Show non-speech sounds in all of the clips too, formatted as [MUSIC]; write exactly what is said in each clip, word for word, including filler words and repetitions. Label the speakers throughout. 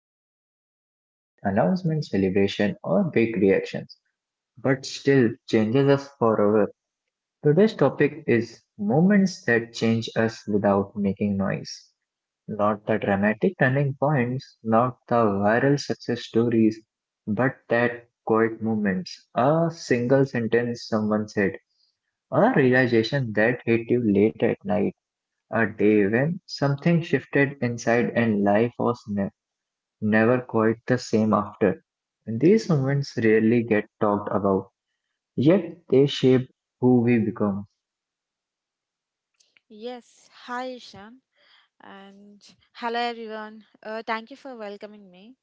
Speaker 1: that don't come with announcements, celebration, or big reactions, but still changes us forever. Today's topic is moments that change us without making noise. Not the dramatic turning points, not the viral success stories, but that quiet moments, a single sentence someone said, or a realization that hit you late at night a day when something shifted inside and life was ne- never quite the same after. These moments rarely get talked about, yet they shape who we become.
Speaker 2: Yes, hi Ishan and hello everyone. Uh, thank you for welcoming me,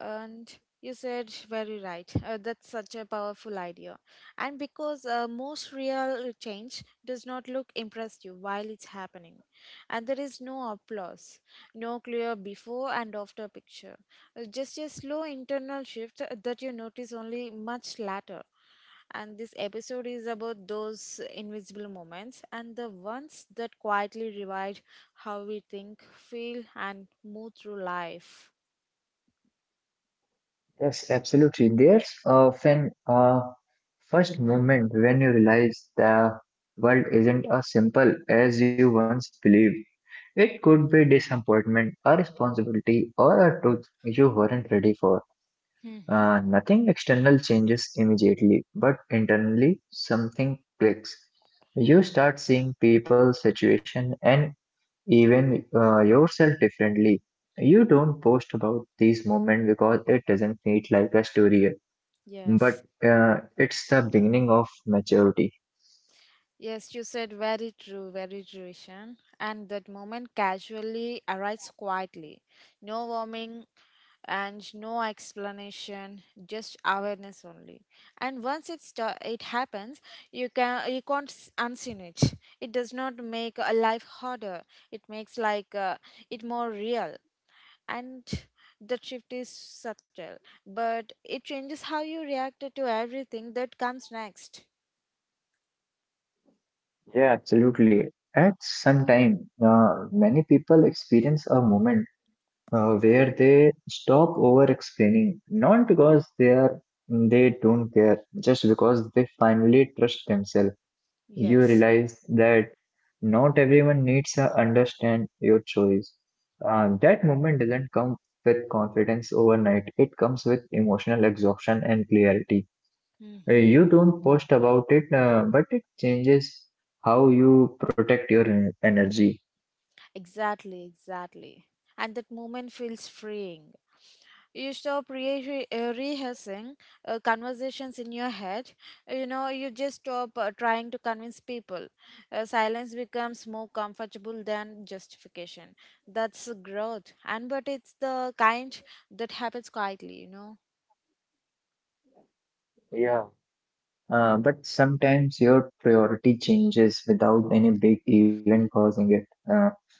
Speaker 2: and you said very right, uh, that's such a powerful idea, and because uh, most real change does not look impressive while it's happening, and there is no applause, no clear before and after picture. Uh, just a slow internal shift that you notice only much later, and this episode is about those invisible moments and the ones that quietly revive how we think, feel, and move through life.
Speaker 1: Yes, absolutely. There's often a first moment when you realize the world isn't as simple as you once believed. It could be disappointment, a responsibility, or a truth you weren't ready for.
Speaker 2: Mhm.
Speaker 1: Uh, nothing external changes immediately, but internally something clicks. You start seeing people, situation, and even uh, yourself differently. You don't post about these moments because it doesn't need like a story,
Speaker 2: Yes,
Speaker 1: but uh, it's the beginning of maturity.
Speaker 2: yes, you said very true, very true, Ishan. And that moment casually arrives quietly. No warming and no explanation, just awareness only. And once it sta- it happens, you can you can't s- unseen it. It does not make a life harder. It makes like uh, it more real. And the shift is subtle, but it changes how you react to everything that comes next.
Speaker 1: Yeah, absolutely. At some time, uh, many people experience a moment uh, where they stop over explaining, not because they are they don't care, just because they finally trust themselves. You
Speaker 2: Yes.
Speaker 1: realize that not everyone needs to understand your choice. Uh, that moment doesn't come with confidence overnight. It comes with emotional exhaustion and clarity. Uh,
Speaker 2: Mm-hmm.
Speaker 1: you don't post about it, uh, but it changes how you protect your en- energy.
Speaker 2: Exactly, exactly. And that moment feels freeing. You stop re- uh, rehearsing uh, conversations in your head. You know, you just stop uh, trying to convince people. Uh, silence becomes more comfortable than justification. That's growth. And but it's the kind that happens quietly, you know.
Speaker 1: Yeah. Uh, but sometimes your priority changes without any big event causing it. Uh,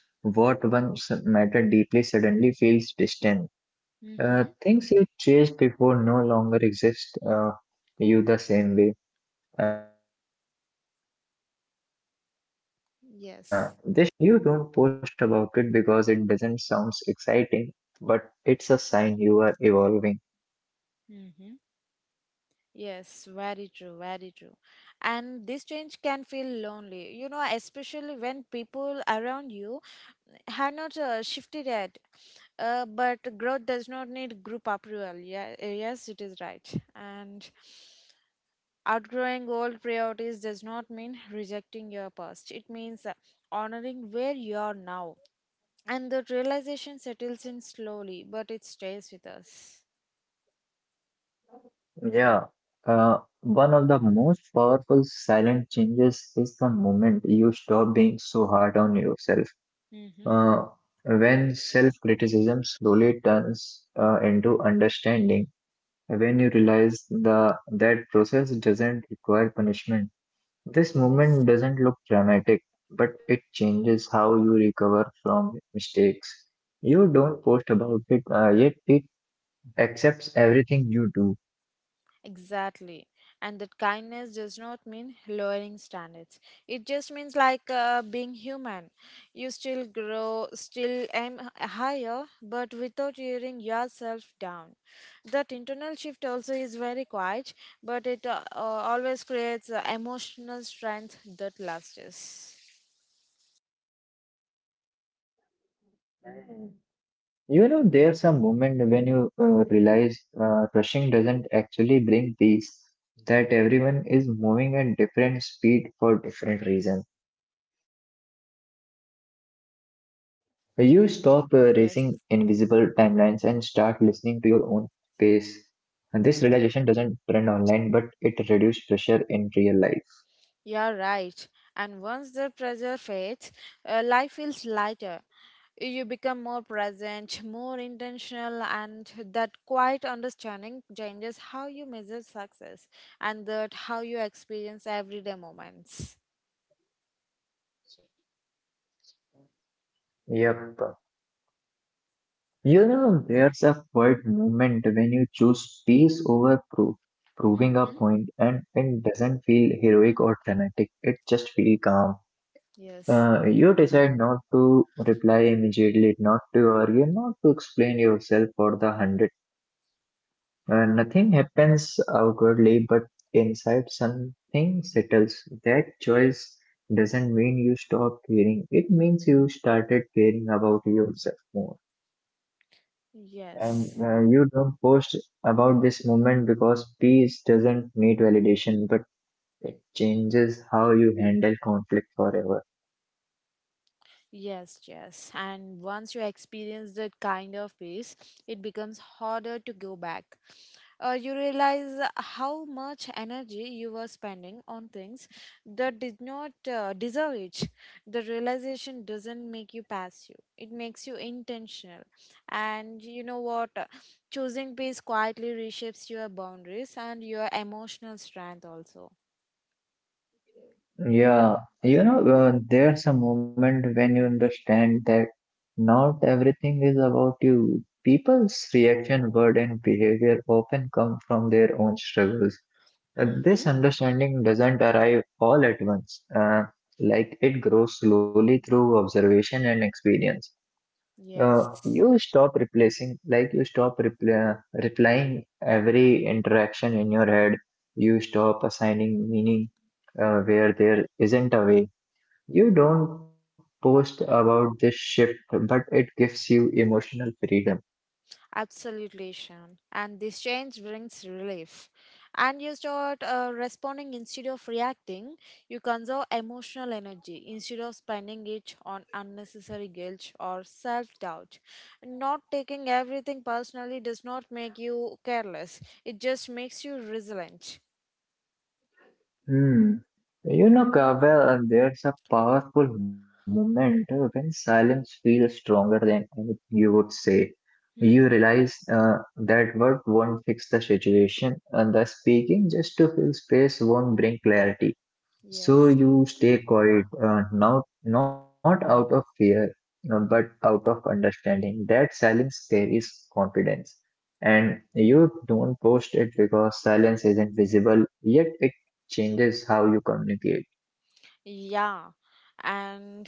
Speaker 1: what once mattered deeply suddenly feels distant. Uh,
Speaker 2: Mm-hmm.
Speaker 1: things you chased before no longer exist uh, you the same way. Uh, this shift can feel confusing because there's no clear
Speaker 2: Yes.
Speaker 1: reason. You don't post about it because it doesn't sound exciting, but it's a sign you are evolving.
Speaker 2: Mm-hmm. Yes, very true, very true. And this change can feel lonely, you know, especially when people around you have not uh, shifted yet. Uh, but growth does not need group approval. Yeah, uh, yes, it is right. And outgrowing old priorities does not mean rejecting your past, it means uh, honoring where you are now. And the realization settles in slowly, but it stays with us.
Speaker 1: Yeah, uh, one of the most powerful silent changes is the moment you stop being so hard on yourself.
Speaker 2: Mm-hmm.
Speaker 1: Uh, when self-criticism slowly turns uh, into understanding, when you realize the that process doesn't require punishment. This
Speaker 2: Yes.
Speaker 1: moment doesn't look dramatic, but it changes how you recover from mistakes. You don't post about it, uh, yet it accepts everything you do.
Speaker 2: Exactly. And that kindness does not mean lowering standards. It just means like uh, being human. You still grow, still aim h- higher, but without tearing yourself down. That internal shift also is very quiet, but it uh, uh, always creates uh, emotional strength that lasts.
Speaker 1: You know, there's a moment when you uh, realize uh, rushing doesn't actually bring peace, that everyone is moving at different speed for different reasons. You stop uh, racing invisible
Speaker 2: Y-
Speaker 1: timelines and start
Speaker 2: Yes,
Speaker 1: listening to your own pace. And this realization doesn't trend online, but it reduces pressure in real life.
Speaker 2: you're right. And once the pressure fades, uh, life feels lighter. You become more present, more intentional, and that quiet understanding changes how you measure success and that how you experience everyday moments.
Speaker 1: Yep. You know, there's a quiet moment when you choose peace over proof, proving a
Speaker 2: Hmm.
Speaker 1: point, and it doesn't feel heroic or dramatic. It just feels calm.
Speaker 2: Yes.
Speaker 1: Uh, you decide not to reply immediately, not to argue, not to explain yourself for the hundredth time. Uh, nothing happens outwardly, but inside something settles. That choice doesn't mean you stop caring. It means you started caring about yourself more. And
Speaker 2: Yes.
Speaker 1: uh, you don't post about this moment because peace doesn't need validation, but it changes how you handle conflict forever.
Speaker 2: Yes, yes. And once you experience that kind of peace, it becomes harder to go back. Uh, you realize how much energy you were spending on things that did not uh, deserve it. The realization doesn't make you passive, it makes you intentional. And you know what? Choosing peace quietly reshapes your boundaries and your emotional strength also.
Speaker 1: Yeah, you know, uh, there's a moment when you understand that not everything is about you. People's reaction, word, and behavior often come from their own struggles. Uh,
Speaker 2: Mm-hmm.
Speaker 1: this understanding doesn't arrive all at once. Uh, like it grows slowly through observation and experience. Uh,
Speaker 2: Yes.
Speaker 1: you stop replacing, like you stop repl- uh, replying every interaction in your head. You stop assigning meaning uh, where there isn't a way. You don't post about this shift, but it gives you emotional freedom.
Speaker 2: Absolutely, Shan. And this change brings relief. And you start uh, responding instead of reacting. You conserve emotional energy instead of spending it on unnecessary guilt or self doubt. Not taking everything personally does not make you careless, it just makes you resilient.
Speaker 1: Hmm. You know, Kavel, there's a powerful moment when silence feels stronger than anything you would say. You
Speaker 2: Hmm.
Speaker 1: realize uh, that word won't fix the situation, and the speaking just to fill space won't bring clarity. So
Speaker 2: Yes.
Speaker 1: you stay quiet, uh, now, not out of fear, uh, but out of understanding. That silence carries confidence. And you don't post it because silence isn't visible, yet it changes how you communicate.
Speaker 2: Yeah. And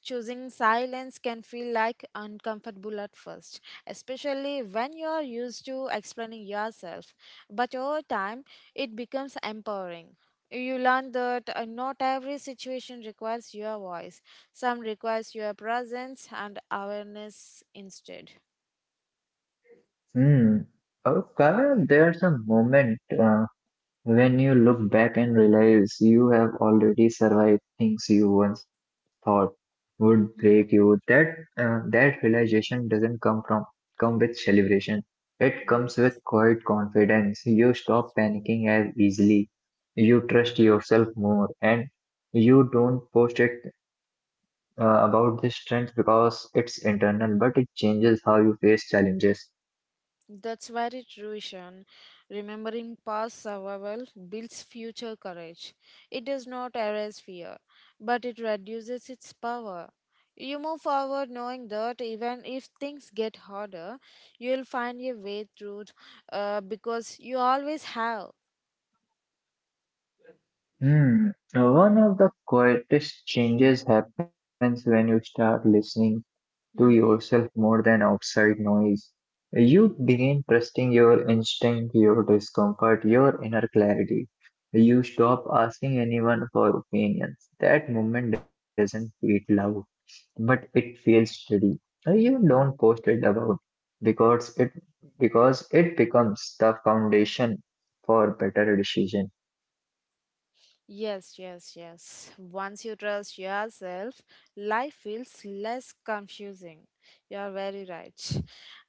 Speaker 2: choosing silence can feel like uncomfortable at first, especially when you are used to explaining yourself. But over time, it becomes empowering. You learn that uh, not every situation requires your voice. Some requires your presence and awareness instead.
Speaker 1: Hmm. Okay, there's a moment. uh, When you look back and realize you have already survived things you once thought would break you,
Speaker 2: Mm.
Speaker 1: that uh, that realization doesn't come from come with celebration. It comes
Speaker 2: Yes,
Speaker 1: with quiet confidence. You
Speaker 2: that's
Speaker 1: stop
Speaker 2: true.
Speaker 1: panicking as easily. You trust yourself more, and you don't post it uh, about this strength because it's internal, but it changes how you face challenges.
Speaker 2: That's very true, Ishan. Remembering past survival builds future courage. It does not erase fear, but it reduces its power. You move forward knowing that even if things get harder, you'll find your way through uh, because you always have.
Speaker 1: Hmm. One of the quietest changes happens when you start listening to
Speaker 2: Mm-hmm.
Speaker 1: yourself more than outside noise. You begin trusting your instinct, your discomfort, your inner clarity. You stop asking anyone for opinions. That moment doesn't feel loud, but it feels steady. You don't post it about because it because it becomes the foundation for better decision.
Speaker 2: Yes, yes, yes. Once you trust yourself, life feels less confusing. You are very right.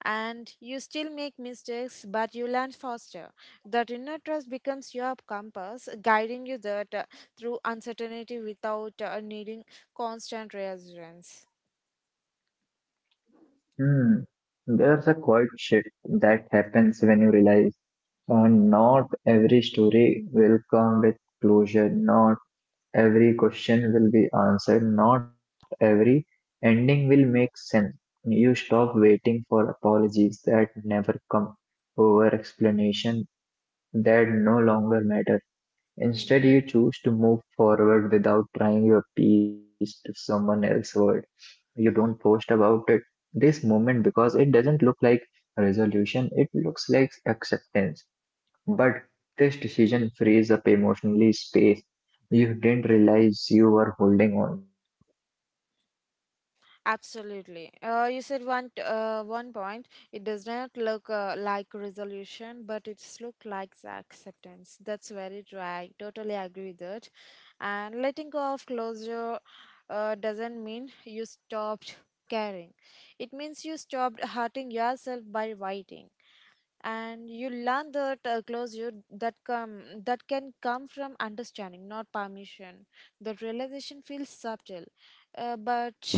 Speaker 2: And you still make mistakes, but you learn faster. That inner trust becomes your compass, guiding you that uh, through uncertainty without uh, needing constant reassurance.
Speaker 1: Hmm. There's a quiet shift that happens when you realize uh, not every story will come with closure, not every question will be answered, not every ending will make sense. You stop waiting for apologies that never come, over explanation that no longer matter. Instead, you choose to move forward without trying your piece to someone else's world. You don't post about it this moment because it doesn't look like resolution, it looks like acceptance. But this decision frees up emotionally space you didn't realize you were holding on.
Speaker 2: Absolutely. Uh, you said one t- uh, one point. It does not look uh, like resolution, but it's look like acceptance. That's very true. I totally agree with that. And letting go of closure uh, doesn't mean you stopped caring. It means you stopped hurting yourself by waiting, and you learn that uh, closure that come that can come from understanding not permission. That realization feels subtle, uh, but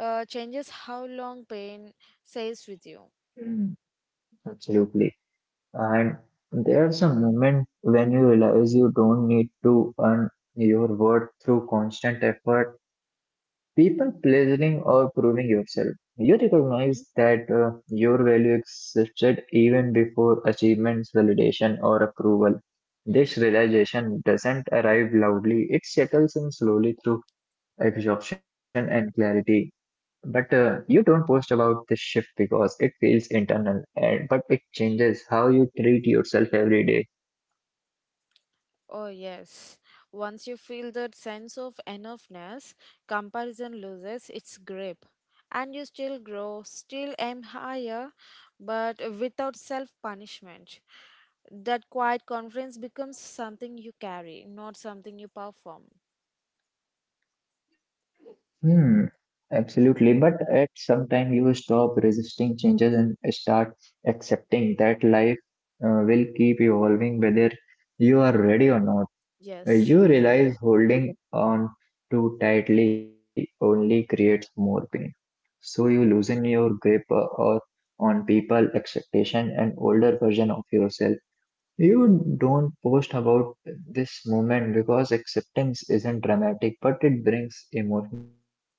Speaker 2: uh, changes how long pain stays with you.
Speaker 1: Mm. Absolutely. And there's a moment when you realize you don't need to earn your worth through constant effort, people pleasing or proving yourself. You recognize that uh, your value existed even before achievements, validation, or approval. This
Speaker 2: Hmm.
Speaker 1: realization doesn't arrive loudly, it settles in slowly through exhaustion and clarity. But uh, you don't post about this shift because it feels internal, and but it changes how you treat yourself every day.
Speaker 2: Oh, yes. Once you feel that sense of enoughness, comparison loses its grip. And you still grow, still aim higher, but without self punishment. That quiet confidence becomes something you carry, not something you perform.
Speaker 1: Hmm, absolutely. But at some time you stop resisting changes and start accepting that life uh, will keep evolving whether you are ready or not. Uh,
Speaker 2: Yes.
Speaker 1: You realize holding on too tightly only creates more pain. So you loosen your grip uh, or on people, expectation, and older version of yourself. You don't post about this moment because acceptance isn't dramatic, but it brings emotional relief.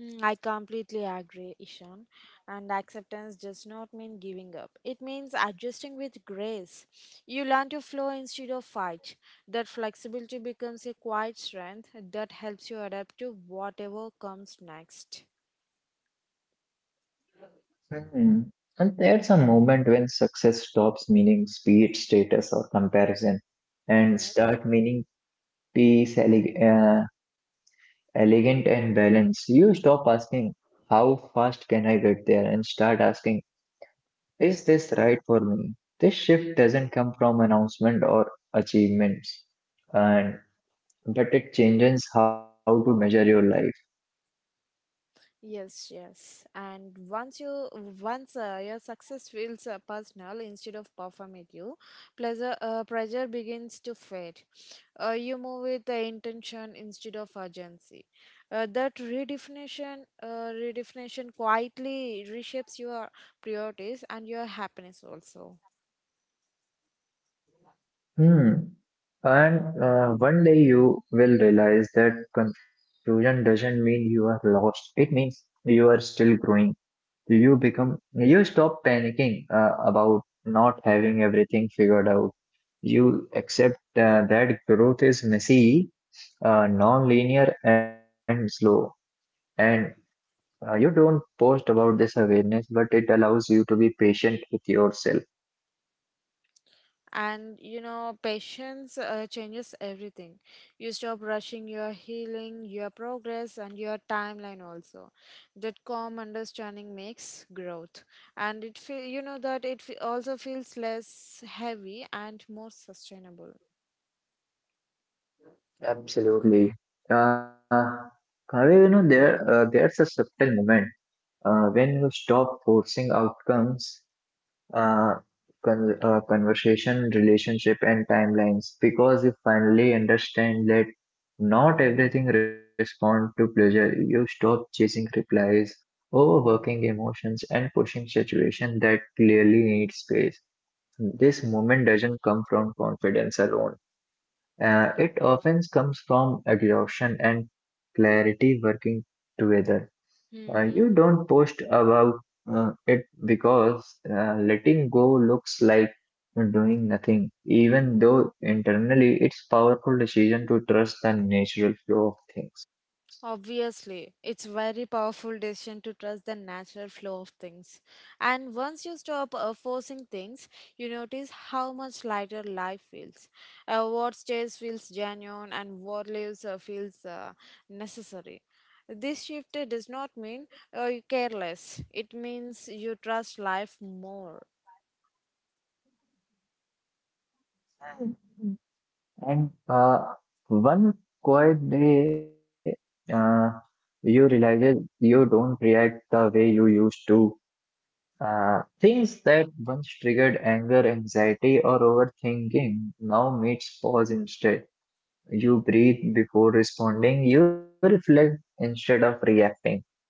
Speaker 2: Mm, I completely agree, Ishan. And acceptance does not mean giving up. It means adjusting with grace. You learn to flow instead of fight. That flexibility becomes a quiet strength that helps you adapt to whatever comes next.
Speaker 1: Hmm. And there's a moment when success stops meaning speed, status, or comparison, and
Speaker 2: Yes.
Speaker 1: start meaning peace, ele- uh, elegant, and balance. You stop asking, "How fast can I get there?" and start asking, "Is this right for me?" This shift doesn't come from announcement or achievements. And But it changes how to measure your life.
Speaker 2: Yes, yes. And once you once uh, your success feels uh, personal instead of performative, pleasure uh, pressure begins to fade. Uh, you move with the intention instead of urgency. Uh, that redefinition uh, redefinition quietly reshapes your priorities and your happiness also.
Speaker 1: Hmm. And uh, one day you will realize that confusion doesn't mean you are lost. It means you are still growing. You become, you stop panicking uh, about not having everything figured out. You accept uh, that growth is messy, uh, non-linear, and slow. And uh, you don't post about this awareness, but it allows you to be patient with yourself.
Speaker 2: And you know patience uh, changes everything. You stop rushing your healing, your progress, and your timeline also. That calm understanding makes growth, and it feel you know that it fe- also feels less heavy and more sustainable.
Speaker 1: Absolutely. Uh, Kaveh, you know, there uh, there's a subtle moment. Uh, when you stop forcing outcomes, uh, con uh, conversation, relationship, and timelines, because you finally understand that not everything responds to pleasure. You stop chasing replies, overworking emotions, and pushing situations that clearly need space. This moment doesn't come from confidence alone. Uh, it often comes from exhaustion and clarity working together. Uh, you
Speaker 2: Hmm.
Speaker 1: don't post about uh, it because uh, letting go looks like doing nothing, even though internally it's powerful decision to trust the natural flow of things.
Speaker 2: Obviously, it's very powerful decision to trust the natural flow of things. And once you stop uh, forcing things, you notice how much lighter life feels. Uh, what stays feels genuine, and what leaves uh, feels uh, necessary. This shift uh, does not mean uh, you care less. It means you trust life more.
Speaker 1: And uh, one quiet day, uh, you realize you don't react the way you used to. Uh, things that once triggered anger, anxiety, or overthinking now makes pause instead. You breathe before responding, you reflect instead of reacting,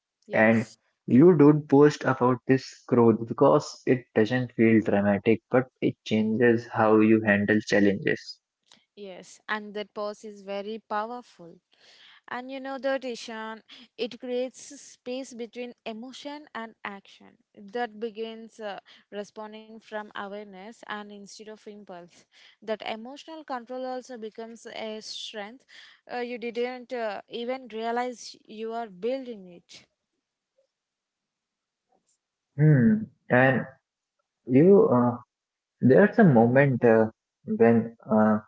Speaker 1: and
Speaker 2: Yes.
Speaker 1: you don't post about this growth because it doesn't feel dramatic, but it changes how you handle challenges.
Speaker 2: Yes, and that pause is very powerful. And you know the Ishan, it creates a space between emotion and action that begins uh, responding from awareness and instead of impulse. That emotional control also becomes a strength uh, you didn't uh, even realize you are building it.
Speaker 1: Hmm. And you, uh, there's a moment uh, when uh,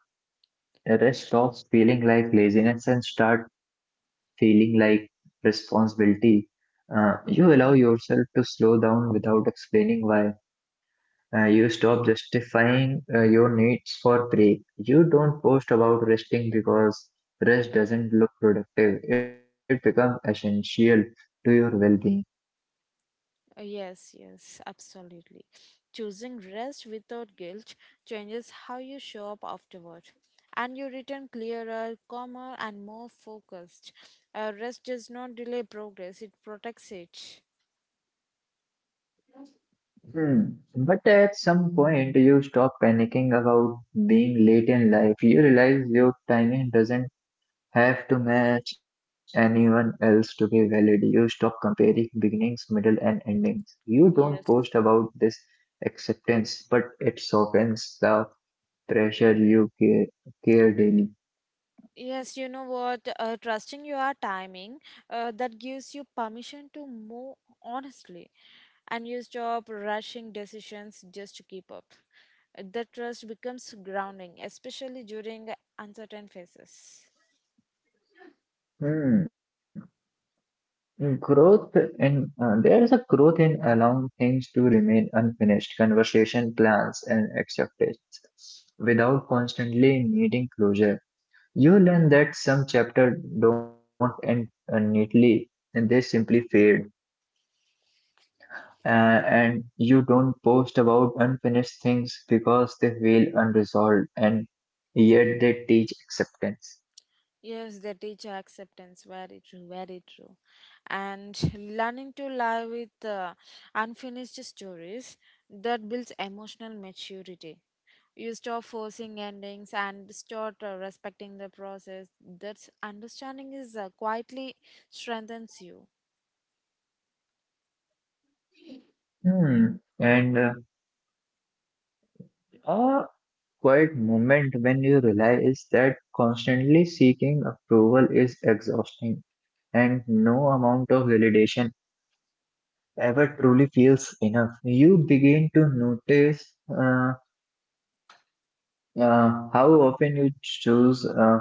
Speaker 1: rest stops feeling like laziness and start feeling like responsibility. Uh, you allow yourself to slow down without explaining why. Uh, you stop justifying uh, your needs for break. You don't post about resting because rest doesn't look productive. It becomes essential to your well-being.
Speaker 2: Uh, Yes, yes, absolutely. Choosing rest without guilt changes how you show up afterward. And you return clearer, calmer, and more focused. Uh, rest does not delay progress, it protects it.
Speaker 1: Hmm. But at some point, you stop panicking about being late in life. You realize your timing doesn't have to match anyone else to be valid. You stop comparing beginnings, middle, and endings. You
Speaker 2: Yes.
Speaker 1: don't post about this acceptance, but it softens the pressure you care, care daily.
Speaker 2: Yes, you know what? Uh, trusting your timing uh, that gives you permission to move honestly, and you stop rushing decisions just to keep up. Uh, That trust becomes grounding, especially during uncertain phases.
Speaker 1: Hmm. Growth in uh, There is a growth in allowing things to remain unfinished, conversation plans and acceptance without constantly needing closure. You learn that some chapters don't end uh, neatly and they simply fade. Uh, and you don't post about unfinished things because they feel unresolved and yet they teach acceptance.
Speaker 2: Yes, they teach acceptance. Very true, very true. And [LAUGHS] learning to live with uh, unfinished stories, that builds emotional maturity. You stop forcing endings and start uh, respecting the process. That understanding is uh, quietly strengthens you.
Speaker 1: Hmm. And uh, a quiet moment when you realize that constantly seeking approval is exhausting and no amount of validation ever truly feels enough. You begin to notice. Uh, Uh, how often you choose uh,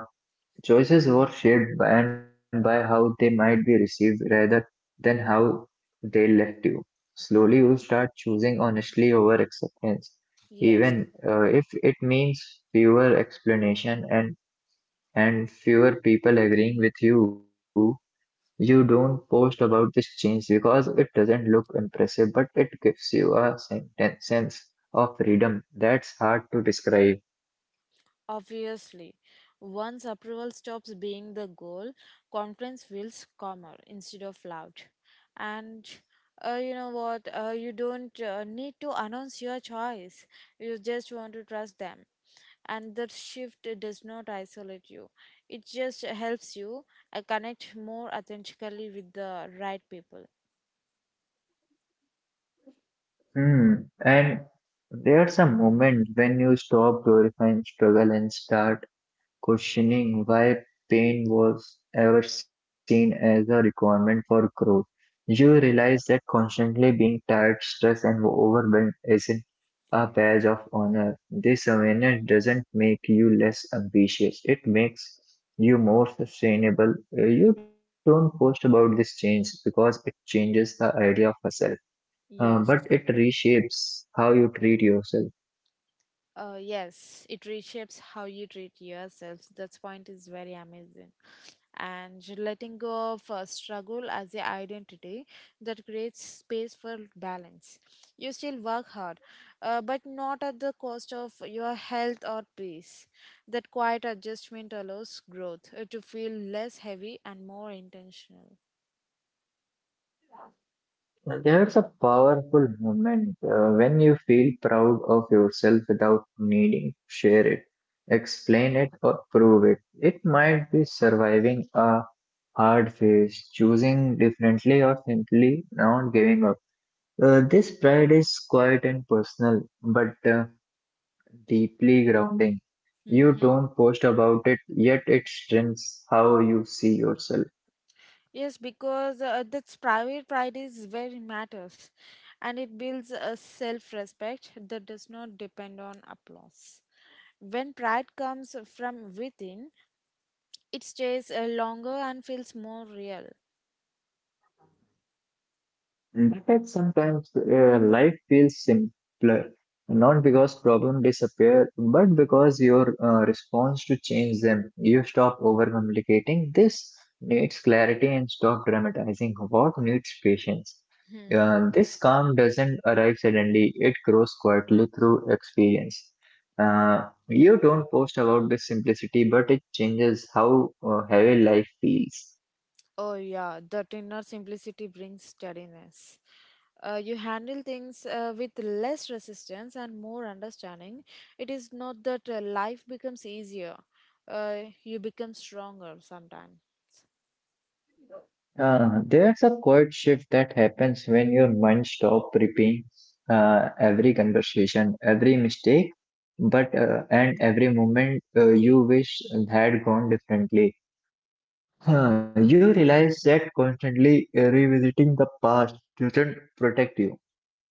Speaker 1: choices were shaped by, and by how they might be received rather than how they left you. Slowly,
Speaker 2: Mm.
Speaker 1: you start choosing honestly over acceptance,
Speaker 2: Yes.
Speaker 1: even uh, if it means fewer explanation and and fewer people agreeing with you. You don't post about this change because it doesn't look impressive, but it gives you a sen- sense of freedom that's hard to describe.
Speaker 2: Obviously, once approval stops being the goal, confidence feels calmer instead of loud. And uh, you know what? Uh, you don't uh, need to announce your choice. You just want to trust them. And the shift does not isolate you, it just helps you uh, connect more authentically with the right people.
Speaker 1: Hmm. And there's a moment when you stop glorifying struggle and start questioning why pain was ever seen as a requirement for growth. You realize that constantly being tired, stressed, and overwhelmed isn't a badge of honor. This awareness doesn't make you less ambitious, it makes you more sustainable. Uh, You don't post about this change because it changes the idea of yourself uh, but
Speaker 2: Yes.
Speaker 1: it reshapes how you treat yourself.
Speaker 2: Uh, yes, it reshapes how you treat yourself. That point is very amazing. And letting go of uh, struggle as a identity, that creates space for balance. You still work hard, uh, but not at the cost of your health or peace. That quiet adjustment allows growth uh, to feel less heavy and more intentional.
Speaker 1: There's a powerful moment uh, when you feel proud of yourself without needing to share it, explain it, or prove it. It might be surviving a hard phase, choosing differently, or simply not giving up. Uh, this pride is quiet and personal, but uh, deeply grounding. You
Speaker 2: Mm-hmm.
Speaker 1: don't post about it, yet it strengthens how you see yourself.
Speaker 2: Yes, because uh, that's private pride is very matters, and it builds a self-respect that does not depend on applause. When pride comes from within, it stays uh, longer and feels more real.
Speaker 1: In fact, sometimes uh, life feels simpler, not because problems disappear, but because your uh, response to change them. You stop overcomplicating. This needs clarity and stop dramatizing what needs patience.
Speaker 2: Hmm.
Speaker 1: Uh, this calm doesn't arrive suddenly, it grows quietly through experience. Uh, you don't post about this simplicity, but it changes how uh, heavy life feels.
Speaker 2: Oh, yeah, that inner simplicity brings steadiness. Uh, you handle things uh, with less resistance and more understanding. It is not that uh, life becomes easier, uh, you become stronger sometimes.
Speaker 1: Uh, there's a quiet shift that happens when your mind stops replaying uh, every conversation, every mistake, but uh, and every moment uh, you wish had gone differently. Uh, you realize that constantly uh, revisiting the past doesn't protect you.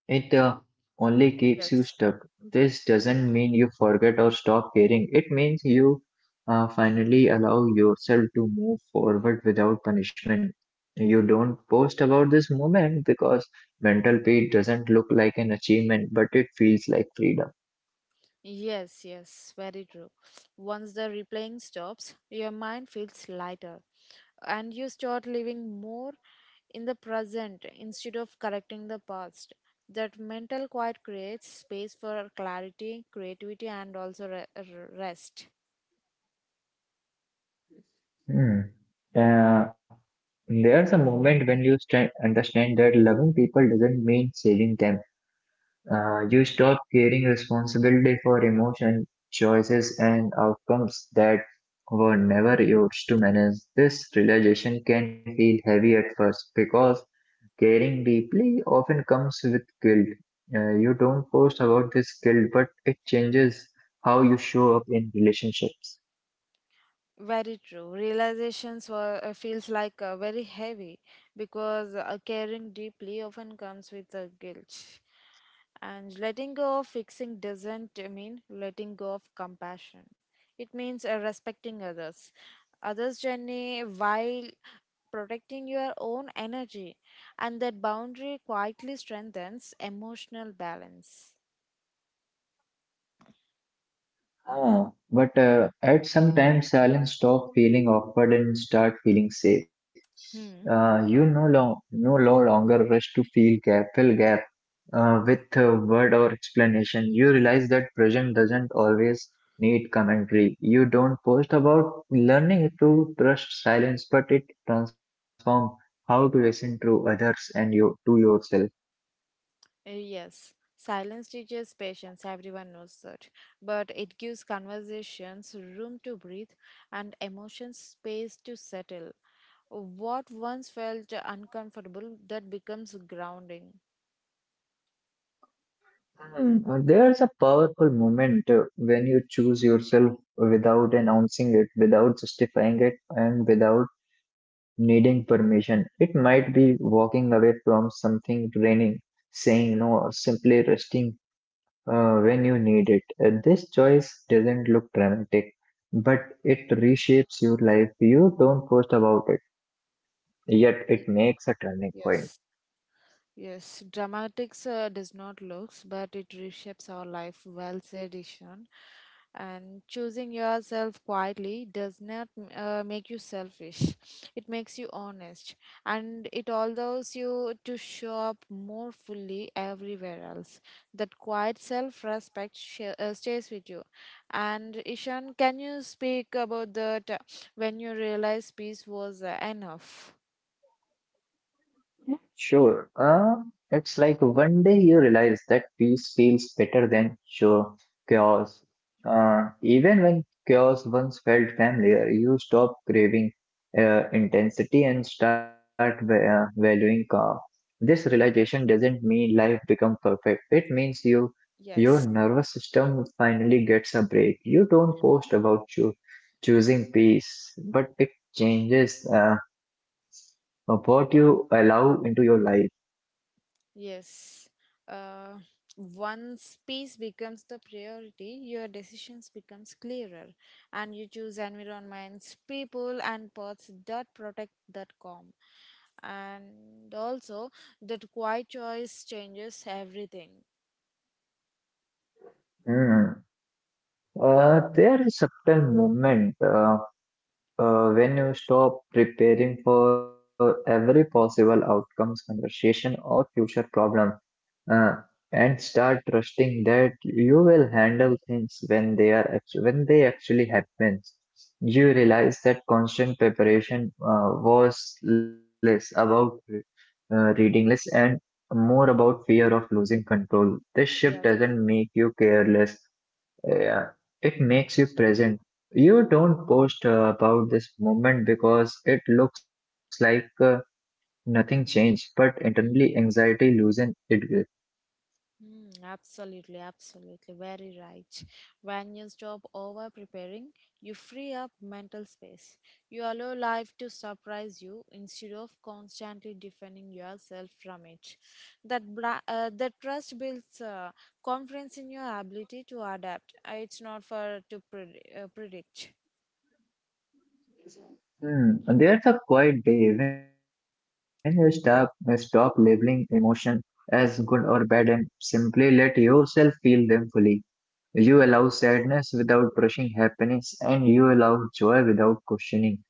Speaker 1: It uh, only keeps you
Speaker 2: Yes.
Speaker 1: stuck. This doesn't mean you forget or stop caring. It means you uh, finally allow yourself to move forward without punishment. You don't post about this moment because mental peace doesn't look like an achievement, but it feels like freedom.
Speaker 2: Yes, yes, very true. Once the replaying stops, your mind feels lighter, and you start living more in the present instead of correcting the past. That mental quiet creates space for clarity, creativity, and also re- r- rest.
Speaker 1: Hmm. Uh, there's a moment when you sta understand that loving people doesn't mean saving them. Uh, you stop carrying responsibility for emotion, choices, and outcomes that were never yours to manage. This realization can feel heavy at first because caring deeply often comes with guilt. Uh, you don't post about this guilt, but it changes how you show up in relationships.
Speaker 2: Very true. Realizations were uh, feels like uh, very heavy because uh, caring deeply often comes with a guilt. And letting go of fixing doesn't mean letting go of compassion. It means uh, respecting others, others' journey while protecting your own energy, and that boundary quietly strengthens emotional balance.
Speaker 1: Ah, but uh, at some time, silence stop feeling awkward and start feeling safe.
Speaker 2: Hmm.
Speaker 1: Uh, you no, long, no lo- longer rush to feel gap, fill gap uh, with a word or explanation. You realize that present doesn't always need commentary. You don't post about learning to trust silence, but it transform how to listen to others and you to yourself.
Speaker 2: Uh, Yes, silence teaches patience, everyone knows that. But it gives conversations room to breathe and emotions space to settle. What once felt uncomfortable, that becomes grounding.
Speaker 1: Hmm. Uh, There's a powerful moment uh, when you choose yourself without announcing it, without justifying it, and without needing permission. It might be walking away from something draining, saying no, or simply resting uh, when you need it. Uh, this choice doesn't look dramatic, but it reshapes your life. You don't post about it, yet it makes a turning point.
Speaker 2: Yes. Yes, dramatics uh, does not looks, but it reshapes our life. Well said, Ishan. And choosing yourself quietly does not uh, make you selfish, it makes you honest, and it allows you to show up more fully everywhere else. That quiet self respect sh- uh, stays with you. And Ishan, can you speak about that, uh, when you realize peace was uh, enough?
Speaker 1: Sure. Uh, it's like one day you realize that peace feels better than sure chaos. Uh, even when chaos once felt familiar, you stop craving uh, intensity and start va- uh, valuing calm. This realization doesn't mean life become perfect. It means you your
Speaker 2: Yes.
Speaker 1: nervous system finally gets a break. You don't post about you choosing peace, but it changes. Uh, of what you allow into your life.
Speaker 2: Yes. Uh, Once peace becomes the priority, your decisions becomes clearer, and you choose environments, people, and paths that protect that calm. And also, that quiet choice changes everything.
Speaker 1: Hmm. Uh, there is subtle moment uh, uh, when you stop preparing for every possible outcomes, conversation, or future problem. uh, and start trusting that you will handle things when they are actu- when they actually happens. You realize that constant preparation uh, was less about uh, reading less and more about fear of losing control. This shift
Speaker 2: Yes.
Speaker 1: doesn't make you careless, uh, it makes you present. You don't post uh, about this moment because it looks like uh, nothing changed, but internally anxiety loosen it.
Speaker 2: Mm, absolutely, absolutely. Very right. When you stop over preparing, you free up mental space. You allow life to surprise you instead of constantly defending yourself from it. That, bra- uh, that trust builds uh, confidence in your ability to adapt. Uh, It's not for to pred- uh, predict.
Speaker 1: Hmm. There's a quiet day when you stop stop labeling emotion as good or bad and simply let yourself feel them fully. You allow sadness without rushing happiness, and you allow joy without questioning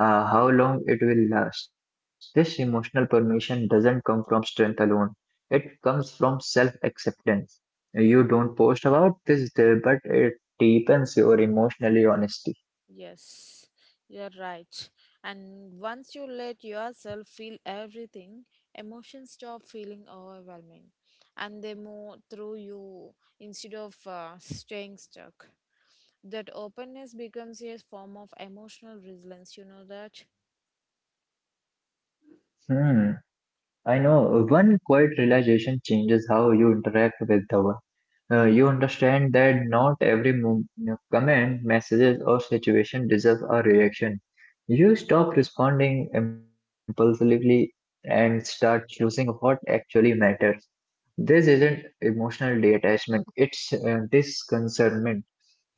Speaker 1: uh, how long it will last. This emotional permission doesn't come from strength alone; it comes from self-acceptance. You
Speaker 2: Hmm.
Speaker 1: don't post about this day, but it deepens your emotional honesty.
Speaker 2: Yes, you're right. And once you let yourself feel everything, emotions stop feeling overwhelming, and they move through you instead of uh, staying stuck. That openness becomes a form of emotional resilience, you know that?
Speaker 1: Hmm. I know uh, one quiet realization changes how you interact with the world. Uh, you understand that not every mo- uh, comment, messages, or situation deserves a reaction. You stop responding impulsively and start choosing what actually matters. This isn't emotional detachment; it's uh, disconcernment.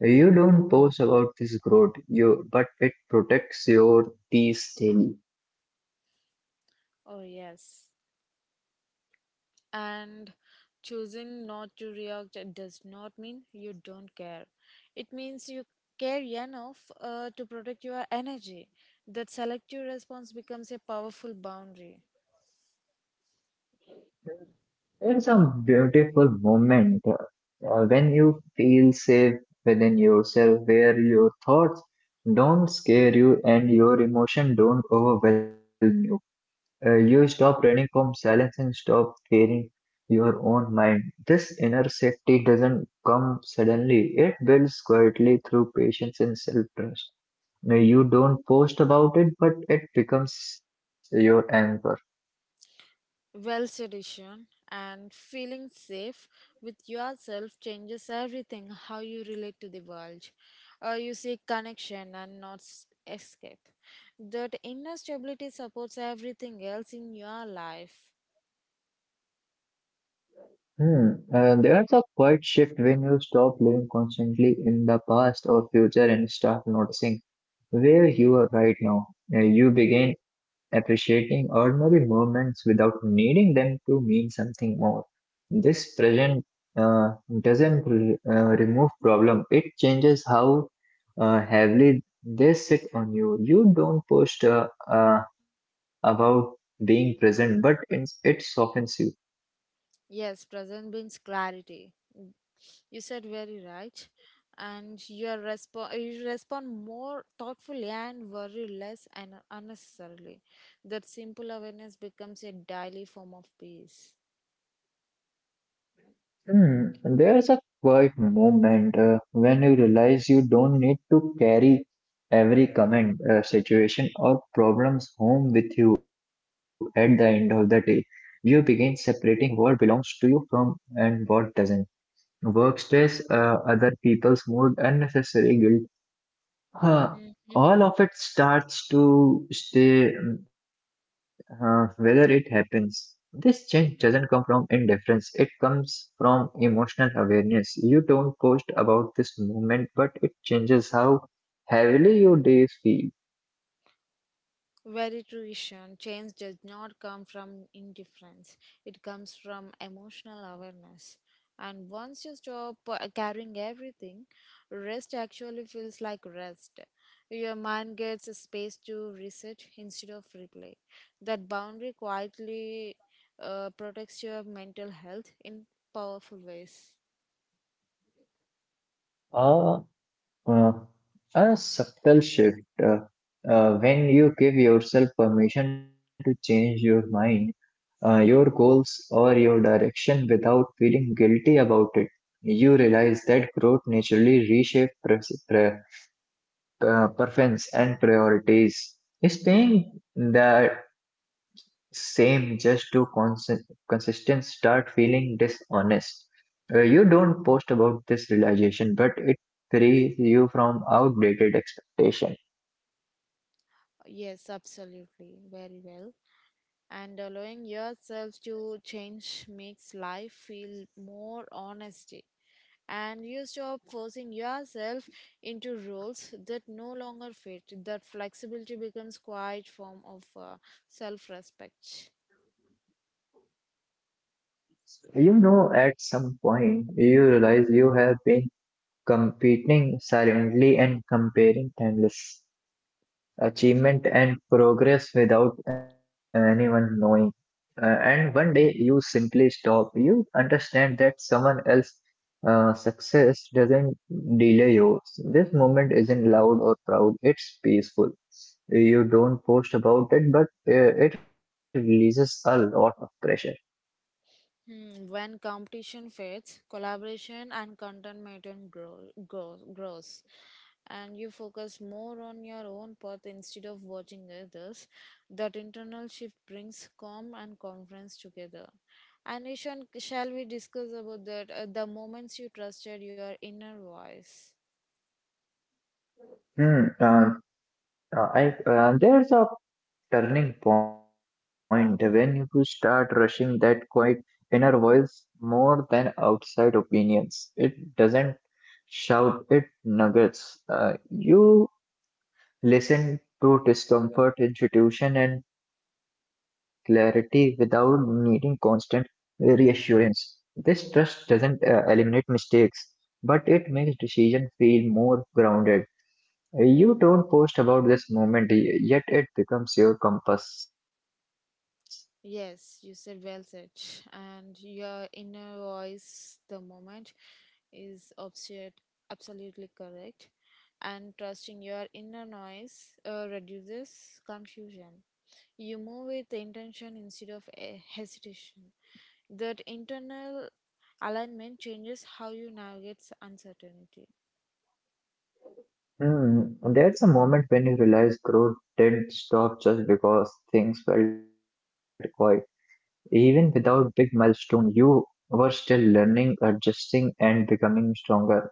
Speaker 1: You don't post about this growth, you but it protects your peace daily.
Speaker 2: Oh, yes. And choosing not to react does not mean you don't care. It means you care enough uh, to protect your energy. That selective response becomes a powerful boundary.
Speaker 1: It's a beautiful moment uh, uh, when you feel safe within yourself, where your thoughts don't scare you and your emotion don't overwhelm you. Uh, you stop running from silence and stop fearing your own mind. This inner safety doesn't come suddenly, it builds quietly through patience and self trust. You don't post about it, but it becomes your anchor.
Speaker 2: Well, sedition and feeling safe with yourself changes everything how you relate to the world. Uh, you seek connection and not s- escape. That inner stability supports everything else in your life.
Speaker 1: Hmm. Uh, there's a quiet shift when you stop living constantly in the past or future and start noticing where you are right now. Uh, you begin appreciating ordinary moments without needing them to mean something more. This present uh, doesn't re- uh, remove problem. It changes how uh, heavily they sit on you. You don't post uh, uh, about being present, but in, it softens you.
Speaker 2: Yes, presence brings clarity. You said very right, and your respo- you respond more thoughtfully, and worry less and unnecessarily. That simple awareness becomes a daily form of peace.
Speaker 1: Hmm. There's a quiet moment uh, when you realize you don't need to carry every comment, uh, situation, or problems home with you at the end of the day. You begin separating what belongs to you from and what doesn't. Work stress, uh, other people's mood, unnecessary guilt. Huh.
Speaker 2: Mhm.
Speaker 1: All of it starts to stay, mm, uh, whether it happens. This change doesn't come from indifference, it comes from emotional awareness. You don't post about this moment, but it changes how heavily your days feel.
Speaker 2: Very true. Change does not come from indifference, it comes from emotional awareness. And once you stop uh, carrying everything, rest actually feels like rest. Your mind gets a space to reset instead of replay. That boundary quietly uh, protects your mental health in powerful ways.
Speaker 1: A, uh, a subtle shift uh, uh, when you give yourself permission to change your mind, uh, your goals or your direction without feeling guilty about it. You realize that growth naturally reshapes pres- pre- uh, preference and priorities.
Speaker 2: Hmm.
Speaker 1: Staying that same just to consist- consistent start feeling dishonest. Uh, you don't post about this realization, but it frees you from outdated expectation.
Speaker 2: Yes, absolutely. Very well. And allowing yourself to change makes life feel more honesty, and you stop forcing yourself into roles that no longer fit. That flexibility becomes quite form of uh, self respect.
Speaker 1: You know, at some point, you realize you have been competing silently and comparing timeless achievement and progress without anyone knowing. Uh, and one day you simply stop. You understand that someone else uh, success doesn't delay yours. This moment isn't loud or proud. It's peaceful. You don't post about it, but uh, it releases a lot of pressure.
Speaker 2: Hmm. When competition fades, collaboration and contentment grow, grow, grows, and you focus more on your own path instead of watching others. That internal shift brings calm and confidence together. And Ishan, shall we discuss about that? Uh, the moments you trusted your inner voice.
Speaker 1: Hmm. Uh, uh, I uh, there's a turning point when you start rushing that quiet inner voice more than outside opinions. It doesn't shout, it nuggets. Uh, you listen to discomfort, intuition, and clarity without needing constant uh, reassurance. This trust doesn't uh, eliminate mistakes, but it makes decision feel more grounded. You don't post about this moment, y- yet it becomes your compass.
Speaker 2: Yes, you said well said. [LAUGHS] And your inner voice, the moment, is absolute, absolutely correct. And trusting your inner noise uh, reduces confusion. You move with intention instead of eh, hesitation. That internal alignment changes how you navigate uncertainty.
Speaker 1: Hmm, there's a moment when you realize growth didn't stop just because things felt quiet. Even without big milestone, you were still learning, adjusting, and becoming stronger.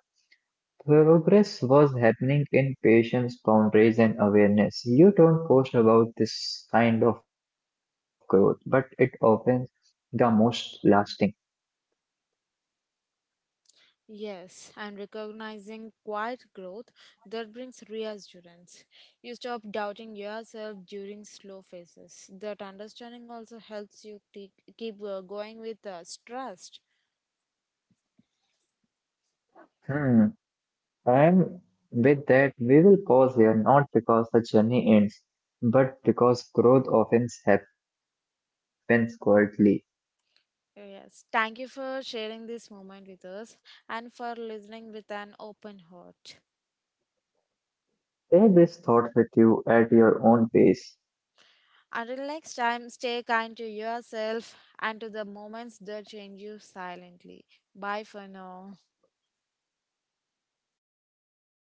Speaker 1: Progress was happening in patience, boundaries, and awareness. You don't post about this kind of growth, but it often the most lasting.
Speaker 2: Yes, and recognizing quiet growth, that brings reassurance. You stop doubting yourself during slow phases. That understanding also helps you te- keep uh, going with uh, trust.
Speaker 1: Hmm. And with that, we will pause here not because the journey ends, but because growth often happens quietly.
Speaker 2: Yes, thank you for sharing this moment with us and for listening with an open heart.
Speaker 1: Take this thought with you at your own pace.
Speaker 2: Until next time, stay kind to yourself and to the moments that change you silently. Bye for now.